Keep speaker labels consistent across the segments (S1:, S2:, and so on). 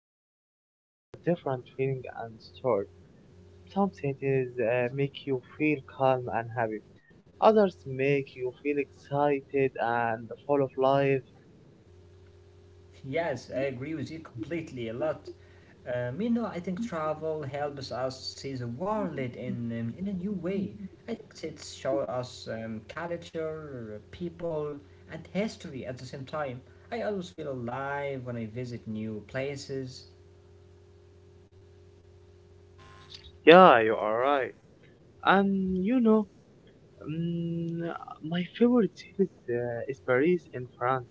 S1: Every city has a different feeling and story. Some cities make you feel calm and happy. Others make you feel excited and full of life.
S2: Yes, I agree with you completely a lot. I think travel helps us see the world in a new way. I think it shows us culture, people, and history at the same time. I always feel alive when I visit new places.
S1: Yeah, you are right. And you know, mm, my favorite city is, is Paris in France.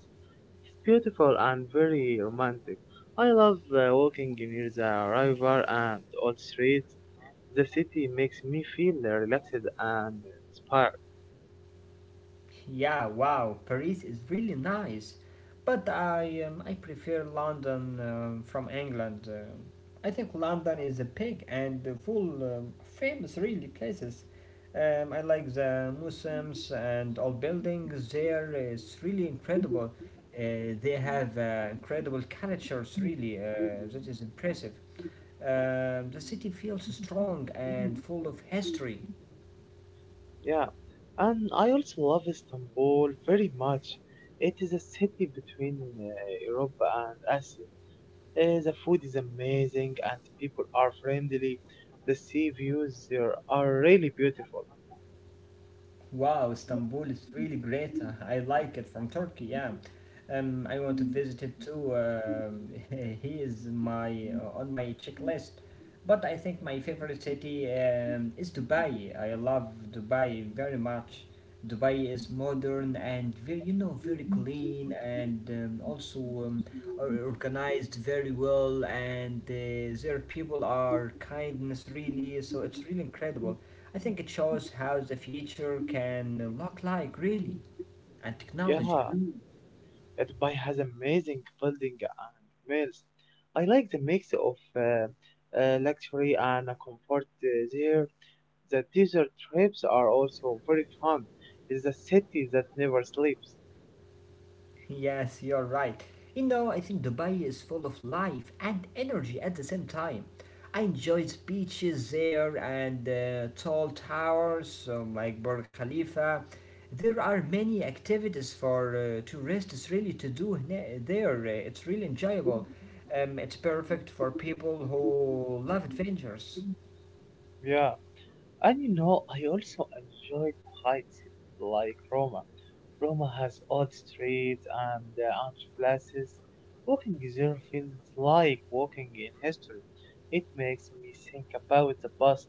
S1: It's beautiful and very romantic. I love walking near the river and old streets. The city makes me feel relaxed and inspired.
S2: Yeah, wow, Paris is really nice, but I prefer London from England. I think London is a big and full famous really places. I like the museums and all buildings there. It's really incredible. They have incredible cultures really. That is impressive. The city feels strong and full of history.
S1: Yeah, and I also love Istanbul very much. It is a city between Europe and Asia. The food is amazing and people are friendly. The sea views there are really beautiful.
S2: Wow, Istanbul is really great. I like it from Turkey. Yeah, I want to visit it too. He is my on my checklist. But I think my favorite city is Dubai. I love Dubai very much. Dubai is modern and very, you know, very clean and also are organized very well and their people are kindness really, so it's really incredible. I think it shows how the future can look like, really, and
S1: Yeah.
S2: technology.
S1: That Dubai has amazing building and malls. I like the mix of luxury and comfort there. The desert trips are also very fun. It's a city that never sleeps.
S2: Yes, you're right. You know, I think Dubai is full of life and energy at the same time. I enjoyed beaches there and tall towers like Burj Khalifa. There are many activities for tourists really to do there. It's really enjoyable. It's perfect for people who love adventures.
S1: Yeah. And you know, I also enjoyed quiet cities like Roma. Roma has old streets and arch places. Walking there feels like walking in history. It makes me think about the past.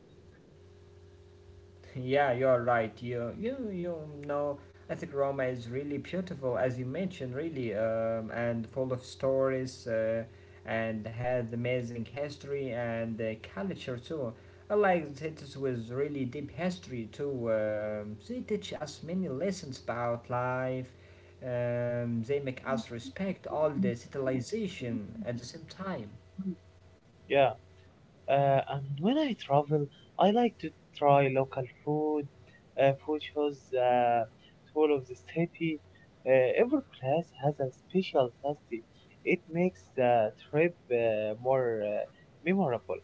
S2: Yeah, you're right. You know, I think Roma is really beautiful, as you mentioned, really, and full of stories, and has amazing history and culture too. I like cities with really deep history too. They teach us many lessons about life. They make us respect all the civilization at the same time.
S1: Yeah. And when I travel, I like to try local food. Food shows the soul of the city. Every place has a special taste. It makes the trip more memorable.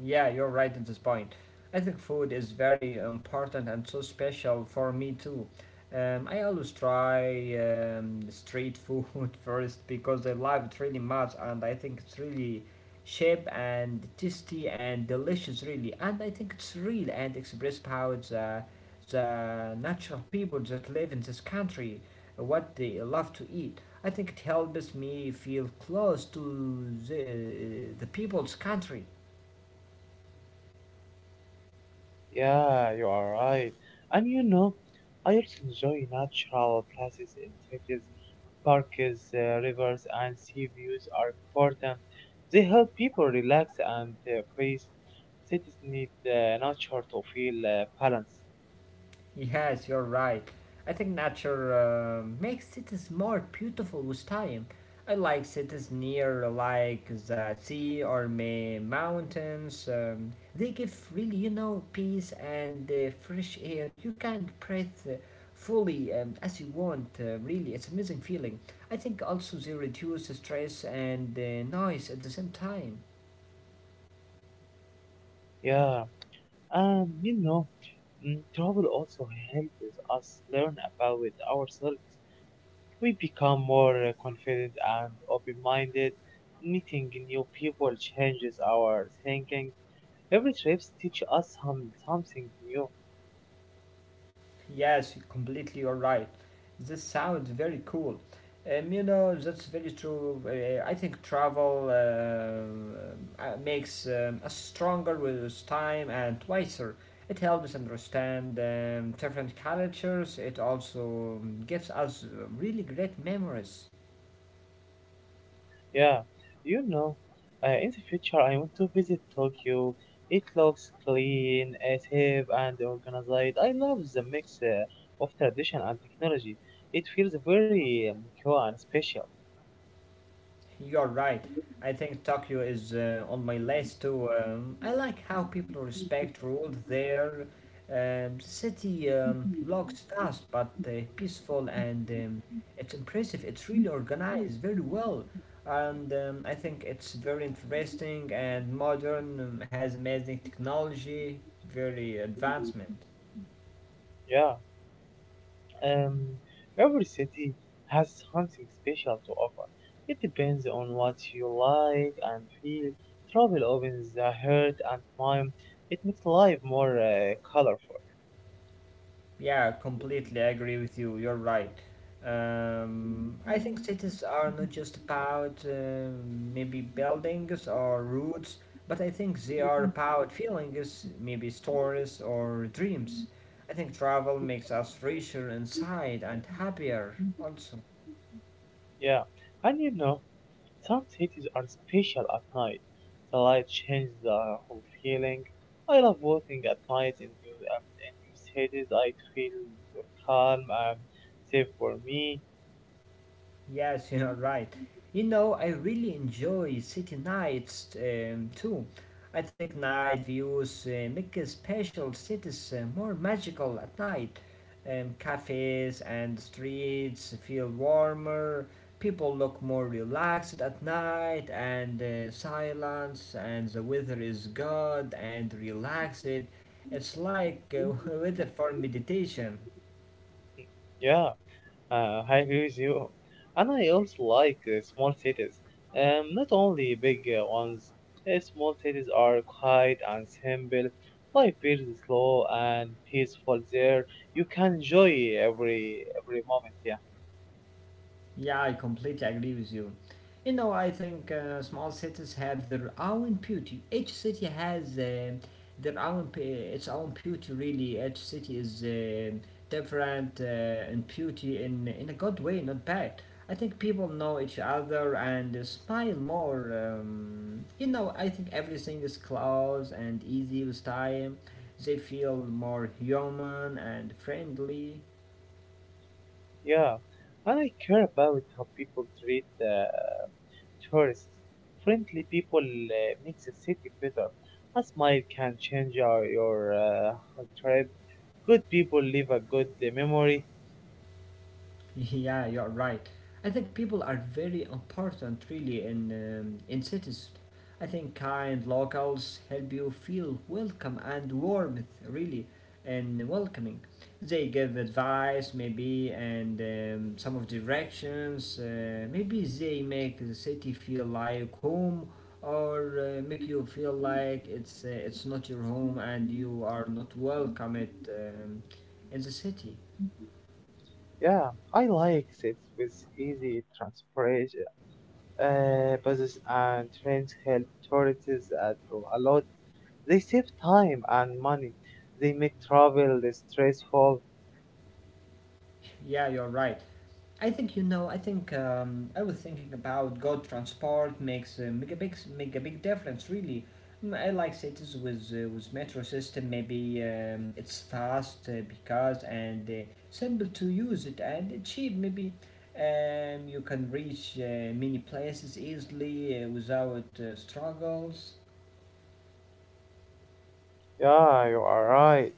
S2: Yeah, you're right at this point. I think food is very important and so special for me too. I always try street food first because I love it really much, and I think it's really cheap and tasty and delicious really, and I think it's real and express how it's the natural people that live in this country what they love to eat. I think it helps me feel close to the people's country.
S1: Yeah, you are right. And you know, I also enjoy natural places in cities. Parks, rivers, and sea views are important. They help people relax and peace. Cities need nature to feel balanced.
S2: Yes, you're right. I think nature makes cities more beautiful with time. I like cities near like the sea or may mountains. They give really, you know, peace and fresh air. You can breathe fully as you want. Really, it's amazing feeling. I think also they reduce stress and noise at the same time.
S1: Yeah, and you know, travel also helps us learn about ourselves. We become more confident and open-minded. Meeting new people changes our thinking. Every trip teaches us something new.
S2: Yes, you're right. This sounds very cool. That's very true. I think travel makes us stronger with time and wiser. It helps understand different cultures. It also gives us really great memories.
S1: Yeah, you know, in the future I want to visit Tokyo. It looks clean, safe, and organized. I love the mix of tradition and technology. It feels very cool and special.
S2: You're right. I think Tokyo is on my list too. I like how people respect rules there. City looks fast but peaceful and it's impressive. It's really organized very well. And I think it's very interesting and modern, has amazing technology, very advancement.
S1: Yeah. Um, every city has something special to offer. It depends on what you like and feel. Travel opens the heart and mind. It makes life more colorful.
S2: Yeah, completely agree with you. You're right. I think cities are not just about maybe buildings or roads, but I think they are about feelings, maybe stories or dreams. I think travel makes us richer inside and happier also.
S1: Yeah, and you know, some cities are special at night. The light changes the whole feeling. I love walking at night in new cities. I feel calm and safe for me.
S2: Yes, you're right. You know, I really enjoy city nights too. I think night views make a special cities more magical at night. Cafes and streets feel warmer, people look more relaxed at night, and silence and the weather is good and relaxed. It's like weather for meditation.
S1: Yeah. I agree with you. And I also like small cities. Not only big ones. Small cities are quiet and simple. Life feels slow and peaceful there. You can enjoy every moment. Yeah,
S2: Yeah, I completely agree with you. You know, I think small cities have their own beauty. Each city has their own p- its own beauty. Really, each city is different in beauty in a good way, not bad. I think people know each other and smile more. I think everything is close and easy with time. They feel more human and friendly.
S1: yeah. And I care about how people treat tourists. Friendly people makes a city better. A smile can change your trip. Good people leave a good memory.
S2: Yeah, you're right. I think people are very important, really, in cities. I think kind locals help you feel welcome and warmth, really, and welcoming. They give advice, maybe, and some of directions. Maybe they make the city feel like home, or make you feel like it's not your home and you are not welcome it in the city.
S1: Yeah, I like sets with easy transportation buses and trains help tourists at a lot. They save time and money. They make travel less stressful.
S2: Yeah, you're right. I think you know. I think I was thinking about God transport makes a make a big difference. Really, I like cities with metro system. Maybe it's fast because and simple to use it and cheap. Maybe you can reach many places easily without struggles.
S1: Yeah, you are right.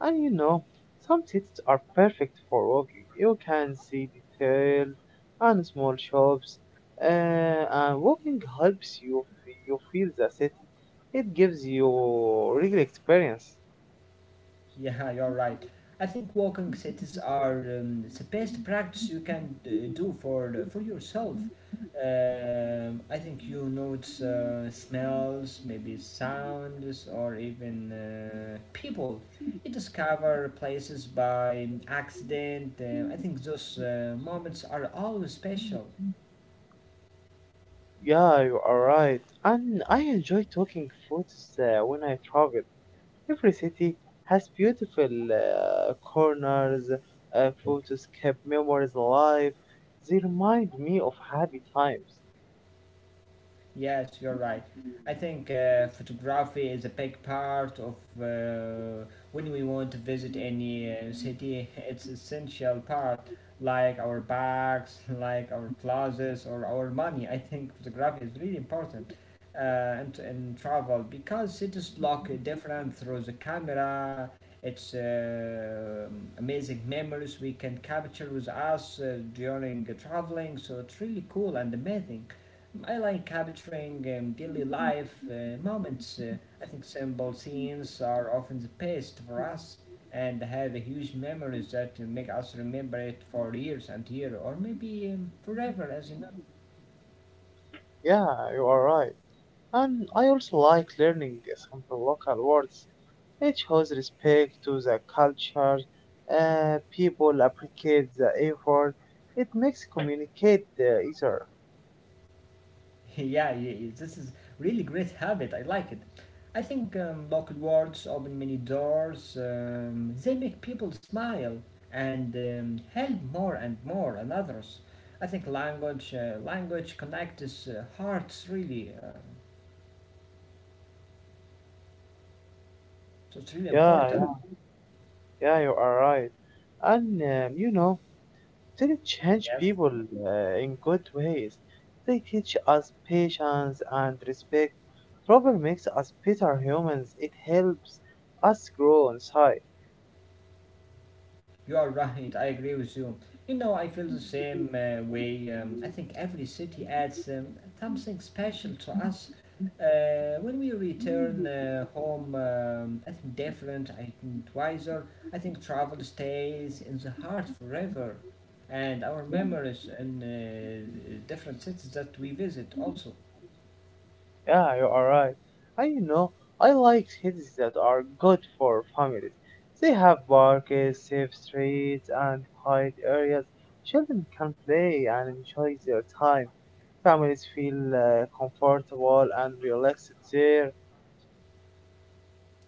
S1: And you know, some cities are perfect for walking. You can see details and small shops. Uh, and walking helps you feel the city. It gives you real experience.
S2: Yeah, you're right. I think walking cities are the best practice you can do for for yourself. I think you notice smells, maybe sounds, or even people. You discover places by accident. I think those moments are always special.
S1: Yeah, you are right. And I enjoy talking foods when I travel. Every city has beautiful corners, photos keep memories alive. They remind me of happy times.
S2: Yes, you're right. I think photography is a big part of uh, when we want to visit any city. It's essential part, like our bags, like our clothes, or our money. I think photography is really important in travel because cities look different through the camera. It's amazing memories we can capture with us during traveling. So it's really cool and amazing. I like capturing daily life moments. I think simple scenes are often the best for us and have a huge memories that make us remember it for years and years or maybe forever, as you know.
S1: Yeah, you are right. And I also like learning some local words. It shows respect to the culture. People appreciate the effort. It makes communicate easier.
S2: Yeah, this is really great habit. I like it. I think local words open many doors. They make people smile and help more and more and others. I think language connects hearts really. So it's really
S1: Yeah, yeah,
S2: important.
S1: yeah. You are right. And you know, they change
S2: Yes.
S1: people in good ways. They teach us patience and respect. Trouble makes us better humans. It helps us grow inside.
S2: You are right. I agree with you. You know, I feel the same way. I think every city adds something special to us. When we return home, I think different, I think wiser. I think travel stays in the heart forever, and our memories in different cities that we visit also.
S1: Yeah, you are right. And you know, I like cities that are good for families. They have parks, safe streets, and quiet areas. Children can play and enjoy their time. Families feel comfortable and relaxed there.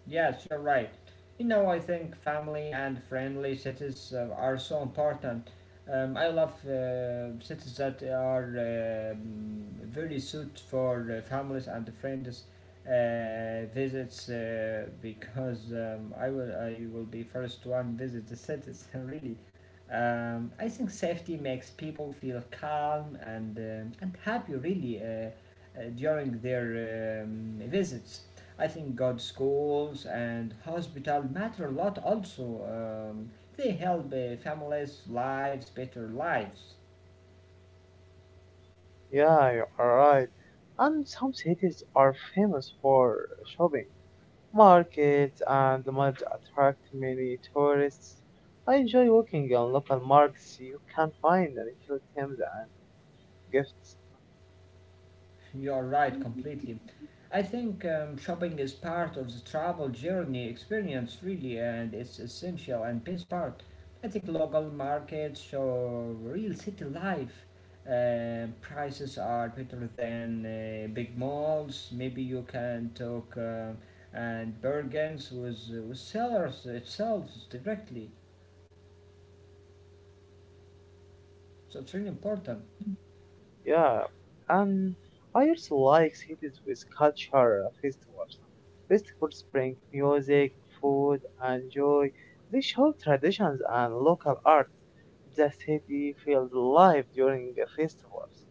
S2: Yes, you're right. You know, I think family and friendly cities are so important. I love cities that are very suited for families and friends visits because I will be first one visit the cities really. I think safety makes people feel calm and and happy really during their visits. I think good schools and hospital matter a lot also. They help families' lives, better lives.
S1: Yeah, you are right. And some cities are famous for shopping. Markets and the malls attract many tourists. I enjoy walking on local markets. You can find little items and gifts.
S2: You're right, completely. I think shopping is part of the travel journey experience, really, and it's essential and best part. I think local markets show real city life. Prices are better than big malls. Maybe you can talk and bargains with sellers itself directly. So it's really important.
S1: Yeah, and I also like cities with cultural festivals. Festivals bring music, food, and joy. They show traditions and local art. The city feels alive during the festivals.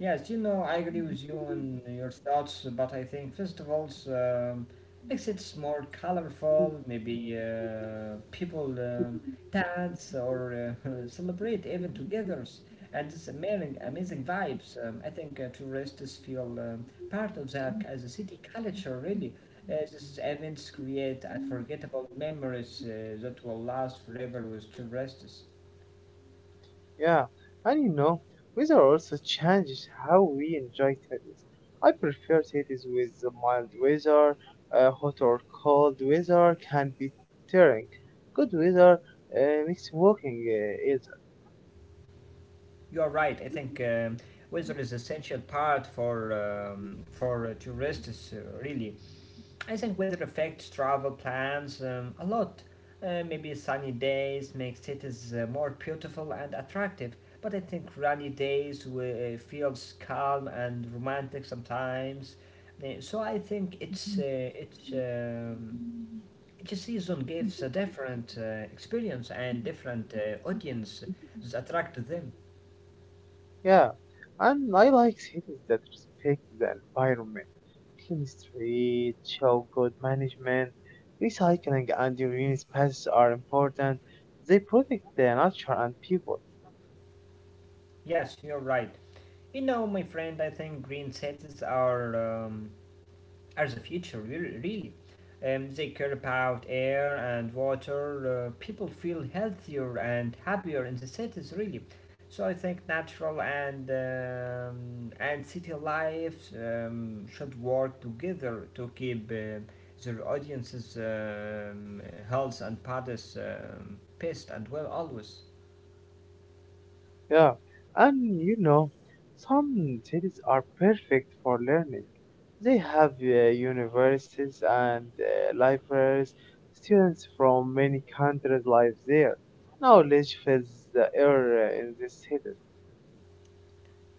S2: Yes, you know, I agree with you and your thoughts, but I think festivals makes it more colorful. Maybe people dance or celebrate even togethers, and it's amazing, amazing vibes. I think tourists feel part of that as a city culture. Really, these events create unforgettable memories that will last forever with tourists.
S1: Yeah, and you know, weather also changes how we enjoy cities. I prefer cities with the mild weather. Hot or cold weather can be tiring. Good weather makes walking easier.
S2: You are right. I think weather is essential part for tourists. Really, I think weather affects travel plans a lot. Maybe sunny days make cities more beautiful and attractive, but I think rainy days feels calm and romantic sometimes. So I think it's each season gives a different experience and different audience is attracted to them.
S1: Yeah, and I like cities that respect the environment, clean streets, show good management, recycling, and green spaces are important. They protect the nature and people.
S2: Yes, you're right. You know, my friend, I think green cities are the future, really. They care about air and water. People feel healthier and happier in the cities, really. So I think natural and and city life should work together to keep their audiences' health and bodies pissed and well always.
S1: Yeah, and you know, some cities are perfect for learning. They have universities and libraries. Students from many countries live there. Knowledge fills the air in this city.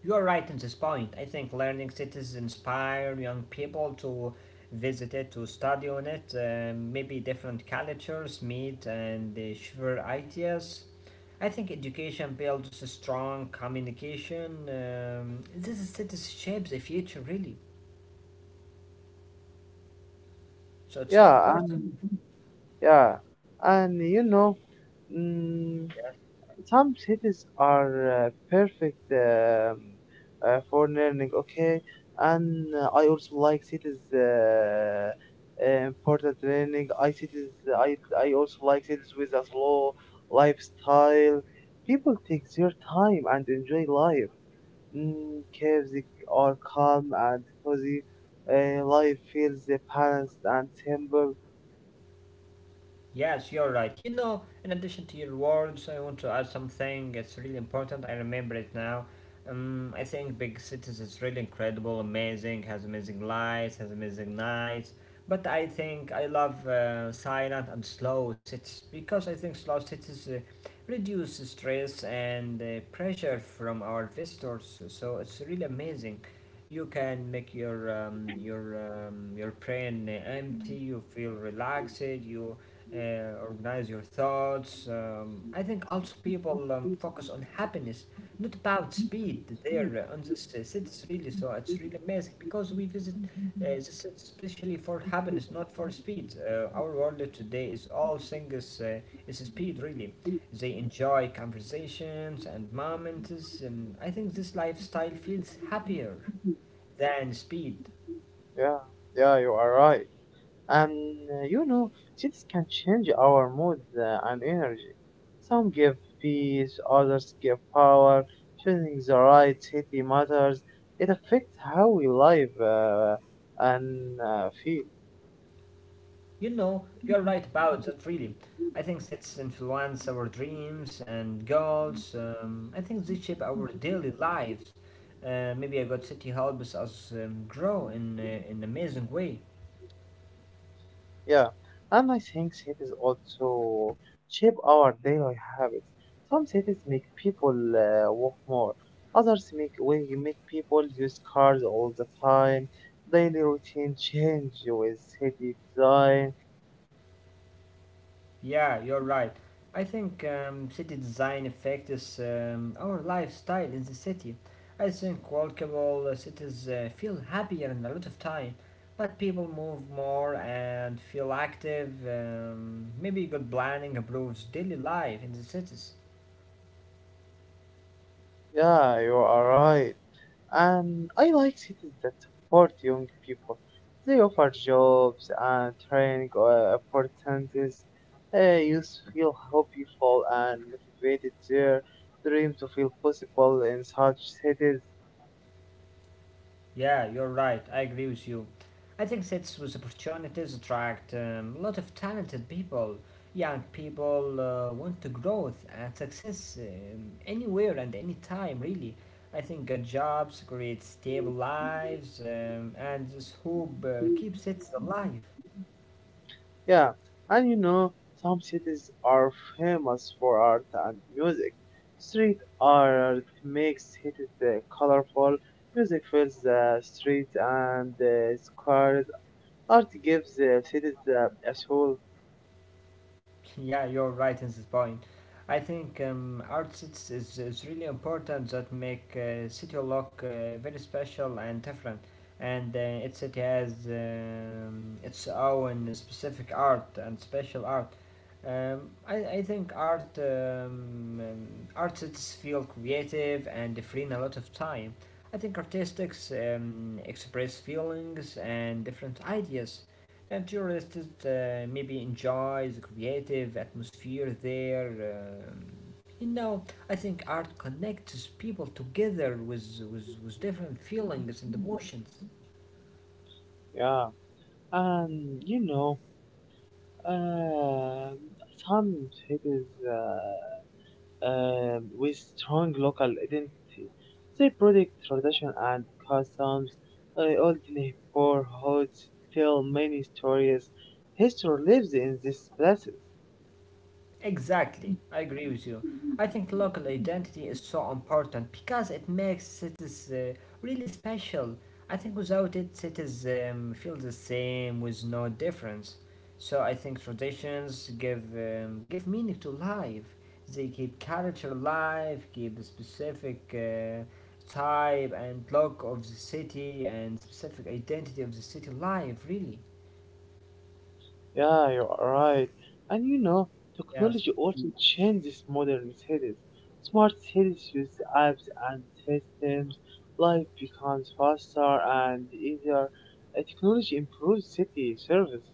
S2: You are right in this point. I think learning cities inspire young people to visit it, to study on it, maybe different cultures meet and share ideas. I think education builds a strong communication. This is cities shapes the future, really. So it's so
S1: Yeah,
S2: important.
S1: Yeah, and you know, mm,
S2: Yeah.
S1: some cities are perfect for learning, okay? And I also like cities important learning. I cities I I also like cities with a slow lifestyle. People take their time and enjoy life. Mm, caves are calm and cozy. Life feels balanced and simple.
S2: Yes, you're right. You know, in addition to your words, I want to add something. It's really important. I remember it now. I think big cities is really incredible, amazing, has amazing lights, has amazing nights. But I think I love silent and slow cities because I think slow cities reduce stress and pressure from our visitors. So it's really amazing. You can make your your brain empty. You feel relaxed. You uh, organize your thoughts. I think also people focus on happiness, not about speed there on this cities really. So it's really amazing because we visit the cities especially for happiness, not for speed. Our world today is all things is speed really. They enjoy conversations and moments, and I think this lifestyle feels happier than speed.
S1: Yeah, yeah, you are right. And you know, cities can change our mood and energy. Some give peace, others give power. Choosing the right city matters. It affects how we live and feel.
S2: You know, you're right about that, really. I think sets influence our dreams and goals. I think they shape our daily lives. Maybe a good city helps us grow in an amazing way.
S1: Yeah, and I think cities also shape our daily habits. Some cities make people walk more. Others make people use cars all the time. Daily routine change with city design.
S2: Yeah, you're right. I think city design affects our lifestyle in the city. I think walkable cities feel happier in a lot of time, but people move more and feel active. Maybe good planning improves daily life in the cities.
S1: Yeah, you are right. And I like cities that support young people. They offer jobs and training opportunities. Youth feel hopeful and motivated, their dreams to feel possible in such cities.
S2: Yeah, you're right. I agree with you. I think cities with opportunities attract a lot of talented people. Young people want to growth and success anywhere and anytime, really. I think good jobs create stable lives, and this hope keeps cities alive.
S1: Yeah, and you know, some cities are famous for art and music. Street art makes cities colorful. Music fills the streets and the squares. Art gives cities a soul.
S2: Yeah, you're right in this point. I think artists is really important that make city look very special and different. And it city has its own specific art and special art. Um, I think art um, artists feel creative and free in a lot of time. I think artistics express feelings and different ideas and tourists maybe enjoy the creative atmosphere there. Um, you know, I think art connects people together with different feelings and emotions.
S1: Yeah, and you know, uh, some cities with strong local identity. They protect tradition and customs. Old neighborhoods tell many stories. History lives in these places.
S2: Exactly, I agree with you. I think local identity is so important because it makes cities really special. I think without it, cities feel the same with no difference. So I think traditions give give meaning to life. They keep culture alive, keep a specific type and look of the city and specific identity of the city alive. Really,
S1: Yeah, you're right. And you know, technology
S2: yes.
S1: also changes modern cities. Smart cities use apps and systems. Life becomes faster and easier. Technology improves city service.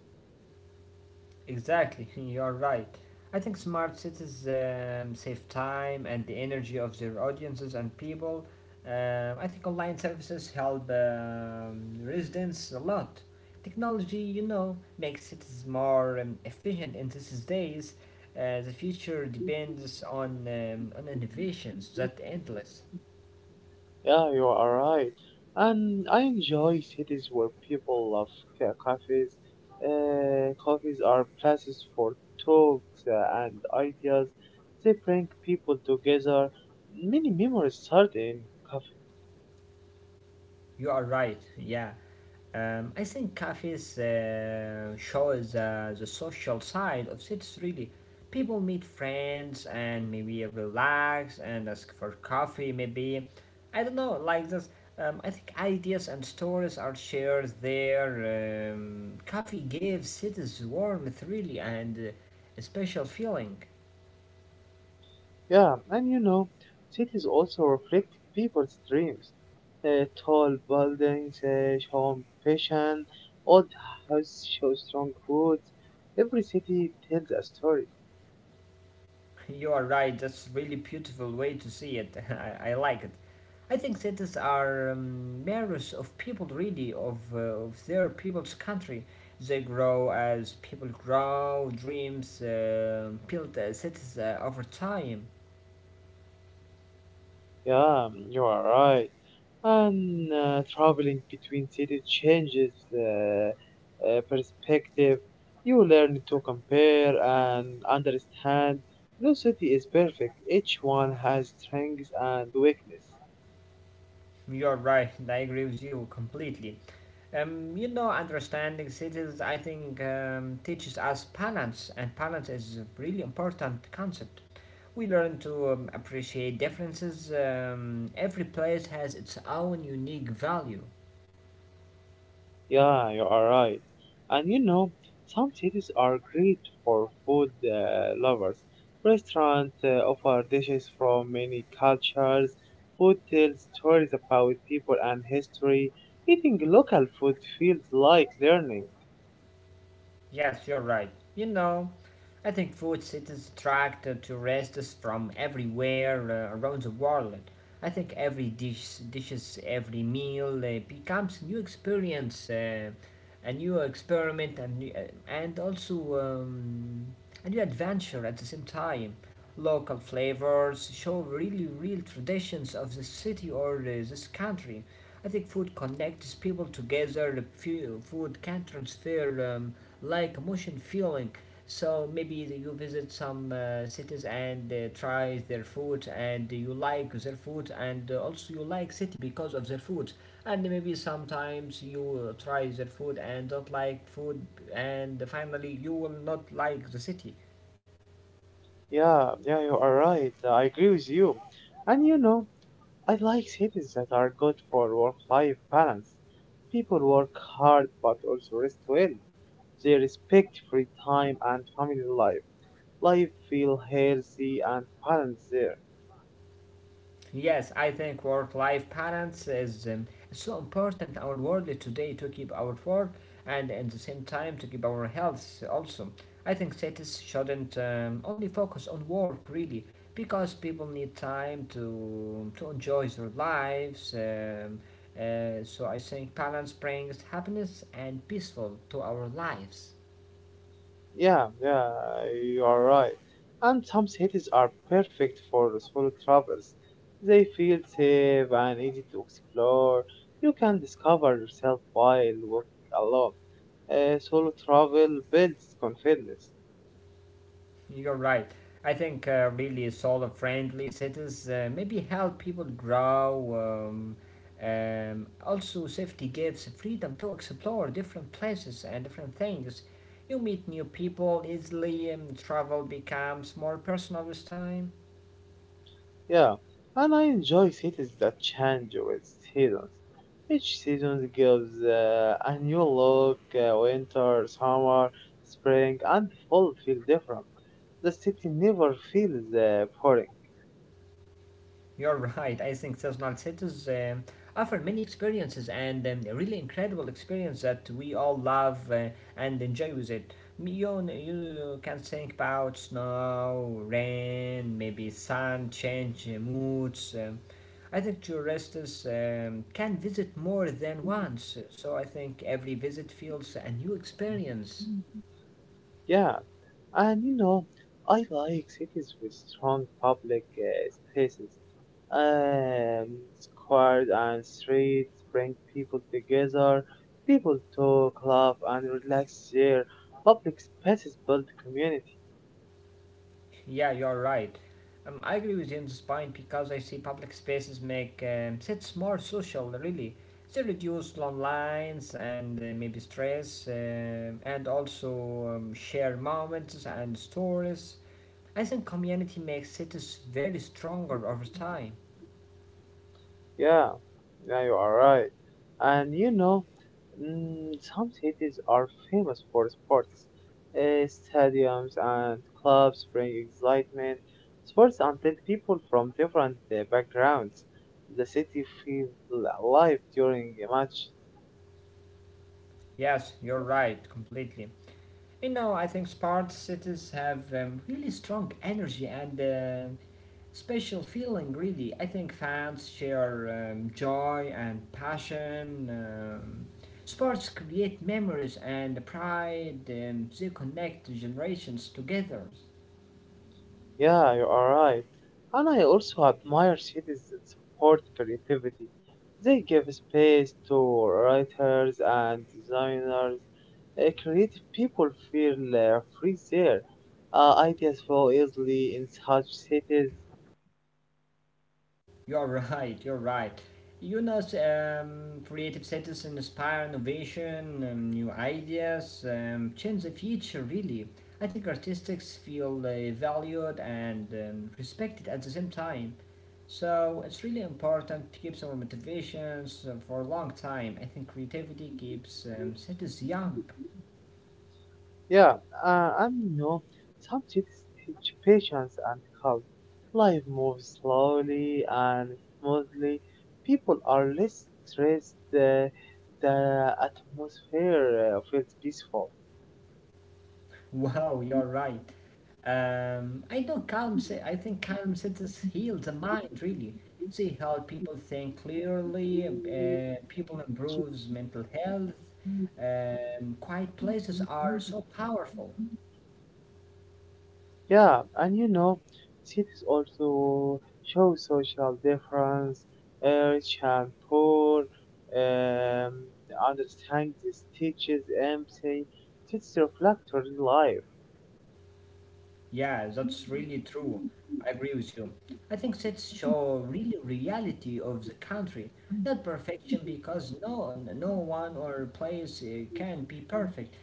S2: Exactly, you're right. I think smart cities save time and the energy of their audiences and people. I think online services help residents a lot. Technology, you know, makes cities more efficient in these days. The future depends on innovations that endless.
S1: Yeah, you are right. And I enjoy cities where people love cafes. Cafes are places for talks and ideas. They bring people together. Many memories start in cafe.
S2: You are right. Yeah. I think cafes shows the social side of cities really. People meet friends and maybe relax and ask for coffee, maybe. I don't know, like this. I think ideas and stories are shared there. Coffee gives cities warmth really and a special feeling.
S1: Yeah, and you know, cities also reflect people's dreams. Tall buildings show passion. Old houses show strong roots. Every city tells a story.
S2: You are right, that's really beautiful way to see it. I like it. I think cities are mirrors of people, really, of their people's country. They grow as people grow, dreams build cities over time.
S1: Yeah, you are right. And traveling between cities changes uh, perspective. You learn to compare and understand. No city is perfect. Each one has strengths and weakness.
S2: You're right, I agree with you completely. You know, understanding cities, I think, teaches us balance, and balance is a really important concept. We learn to appreciate differences. Every place has its own unique value.
S1: Yeah, you are right. And you know, some cities are great for food lovers. Restaurants offer dishes from many cultures. Food tells stories about people and history. Eating local food feels like learning.
S2: Yes, you're right. You know, I think food cities attract tourists from everywhere around the world. I think every dish, dishes, every meal becomes a new experience, a new experiment, and and also a new adventure at the same time. Local flavors show really real traditions of the city or this country. I think food connects people together. Food can transfer. Um, like motion feeling. So maybe you visit some cities and try their food, and you like their food, and also you like city because of their food. And maybe sometimes you try their food and don't like food, and finally you will not like the city.
S1: Yeah, yeah, you are right. I agree with you. And you know, I like cities that are good for work-life balance. People work hard but also rest well. They respect free time and family life. Life feel healthy and balanced there.
S2: Yes, I think work-life balance is so important in our world today to keep our work and at the same time to keep our health also. I think cities shouldn't only focus on work really because people need time to enjoy their lives. So I think balance brings happiness and peaceful to our lives.
S1: Yeah, yeah, you are right. And some cities are perfect for solo travelers. They feel safe and easy to explore. You can discover yourself while walking alone. Solo travel builds confidence.
S2: You're right. I think really solar friendly cities maybe help people grow. Um, Also, safety gives freedom to explore different places and different things. You meet new people easily, and travel becomes more personal with time.
S1: Yeah, and I enjoy cities that change with seasons. Each season gives a new look. Winter, summer, spring, and fall feel different. The city never feels boring.
S2: You're right. I think seasonal cities offer many experiences and really incredible experience that we all love and enjoy with it. You can think about snow, rain, maybe sun, change moods. I think tourists can visit more than once, so I think every visit feels a new experience.
S1: Yeah, and you know, I like cities with strong public spaces. Um, squares and streets bring people together. People talk, laugh, and relax there. Public spaces build community.
S2: Yeah, you're right. I agree with you on this point because I see public spaces make sets more social, really. They reduce long lines and maybe stress, and also share moments and stories. I think community makes cities very stronger over time.
S1: Yeah, yeah, you are right. And you know, mm, some cities are famous for sports. Stadiums and clubs bring excitement, sports, until people from different backgrounds. The city feels alive during a match.
S2: Yes, you're right, completely. You know, I think smart cities have really strong energy and special feeling really. I think fans share joy and passion. Sports create memories and pride. They connect generations together.
S1: Yeah, you are right. And I also admire cities that support creativity. They give space to writers and designers. Creative people feel free there. Ideas flow easily in such cities.
S2: You're right, you're right. You know, creative citizens inspire innovation, new ideas, change the future, really. I think artists feel valued and respected at the same time. So it's really important to keep our motivations for a long time. I think creativity keeps cities young.
S1: Yeah, and you know, some cities teach patience and calm. Life moves slowly and smoothly. People are less stressed. The atmosphere feels peaceful.
S2: Wow, you're right. I know calm. I think calm cities heal the mind. Really, see how people think clearly. People improves mental health. Quiet places are so powerful.
S1: Yeah, and you know, cities also show social difference, rich and poor. Um, understand this teaches empathy. Cities reflect real life.
S2: Yeah, that's really true. I agree with you. I think sets show really reality of the country, not perfection because no one or place can be perfect.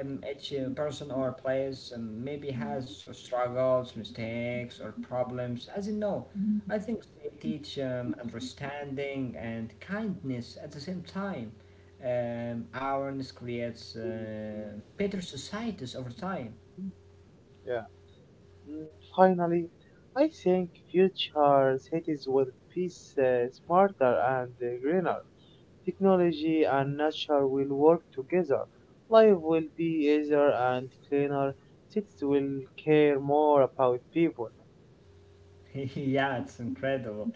S2: Each person or place maybe has struggles, mistakes, or problems. As you know, I think they teach understanding and kindness at the same time. Awareness creates better societies over time.
S1: Yeah. Mm, finally, I think future cities will be smarter and greener. Technology and nature will work together. Life will be easier and cleaner. Cities will care more about people.
S2: Yeah, it's incredible.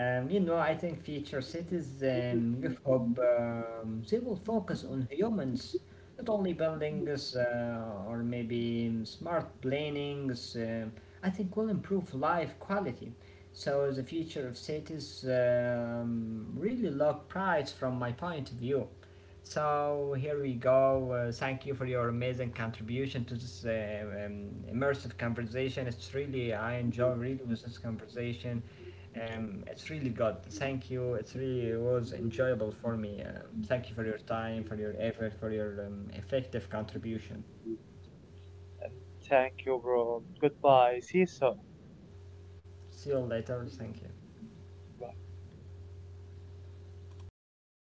S2: You know, I think future cities give hope. They will focus on humans, not only buildings or maybe smart plannings. I think will improve life quality. So the future of cities really look bright from my point of view. So here we go. Thank you for your amazing contribution to this immersive conversation. It's really I enjoy really with this conversation. It's really good. Thank you. It really was enjoyable for me. Thank you for your time, for your effort, for your effective contribution.
S1: And thank you, bro. Goodbye. See you soon.
S2: See you later. Thank you.
S1: Bye.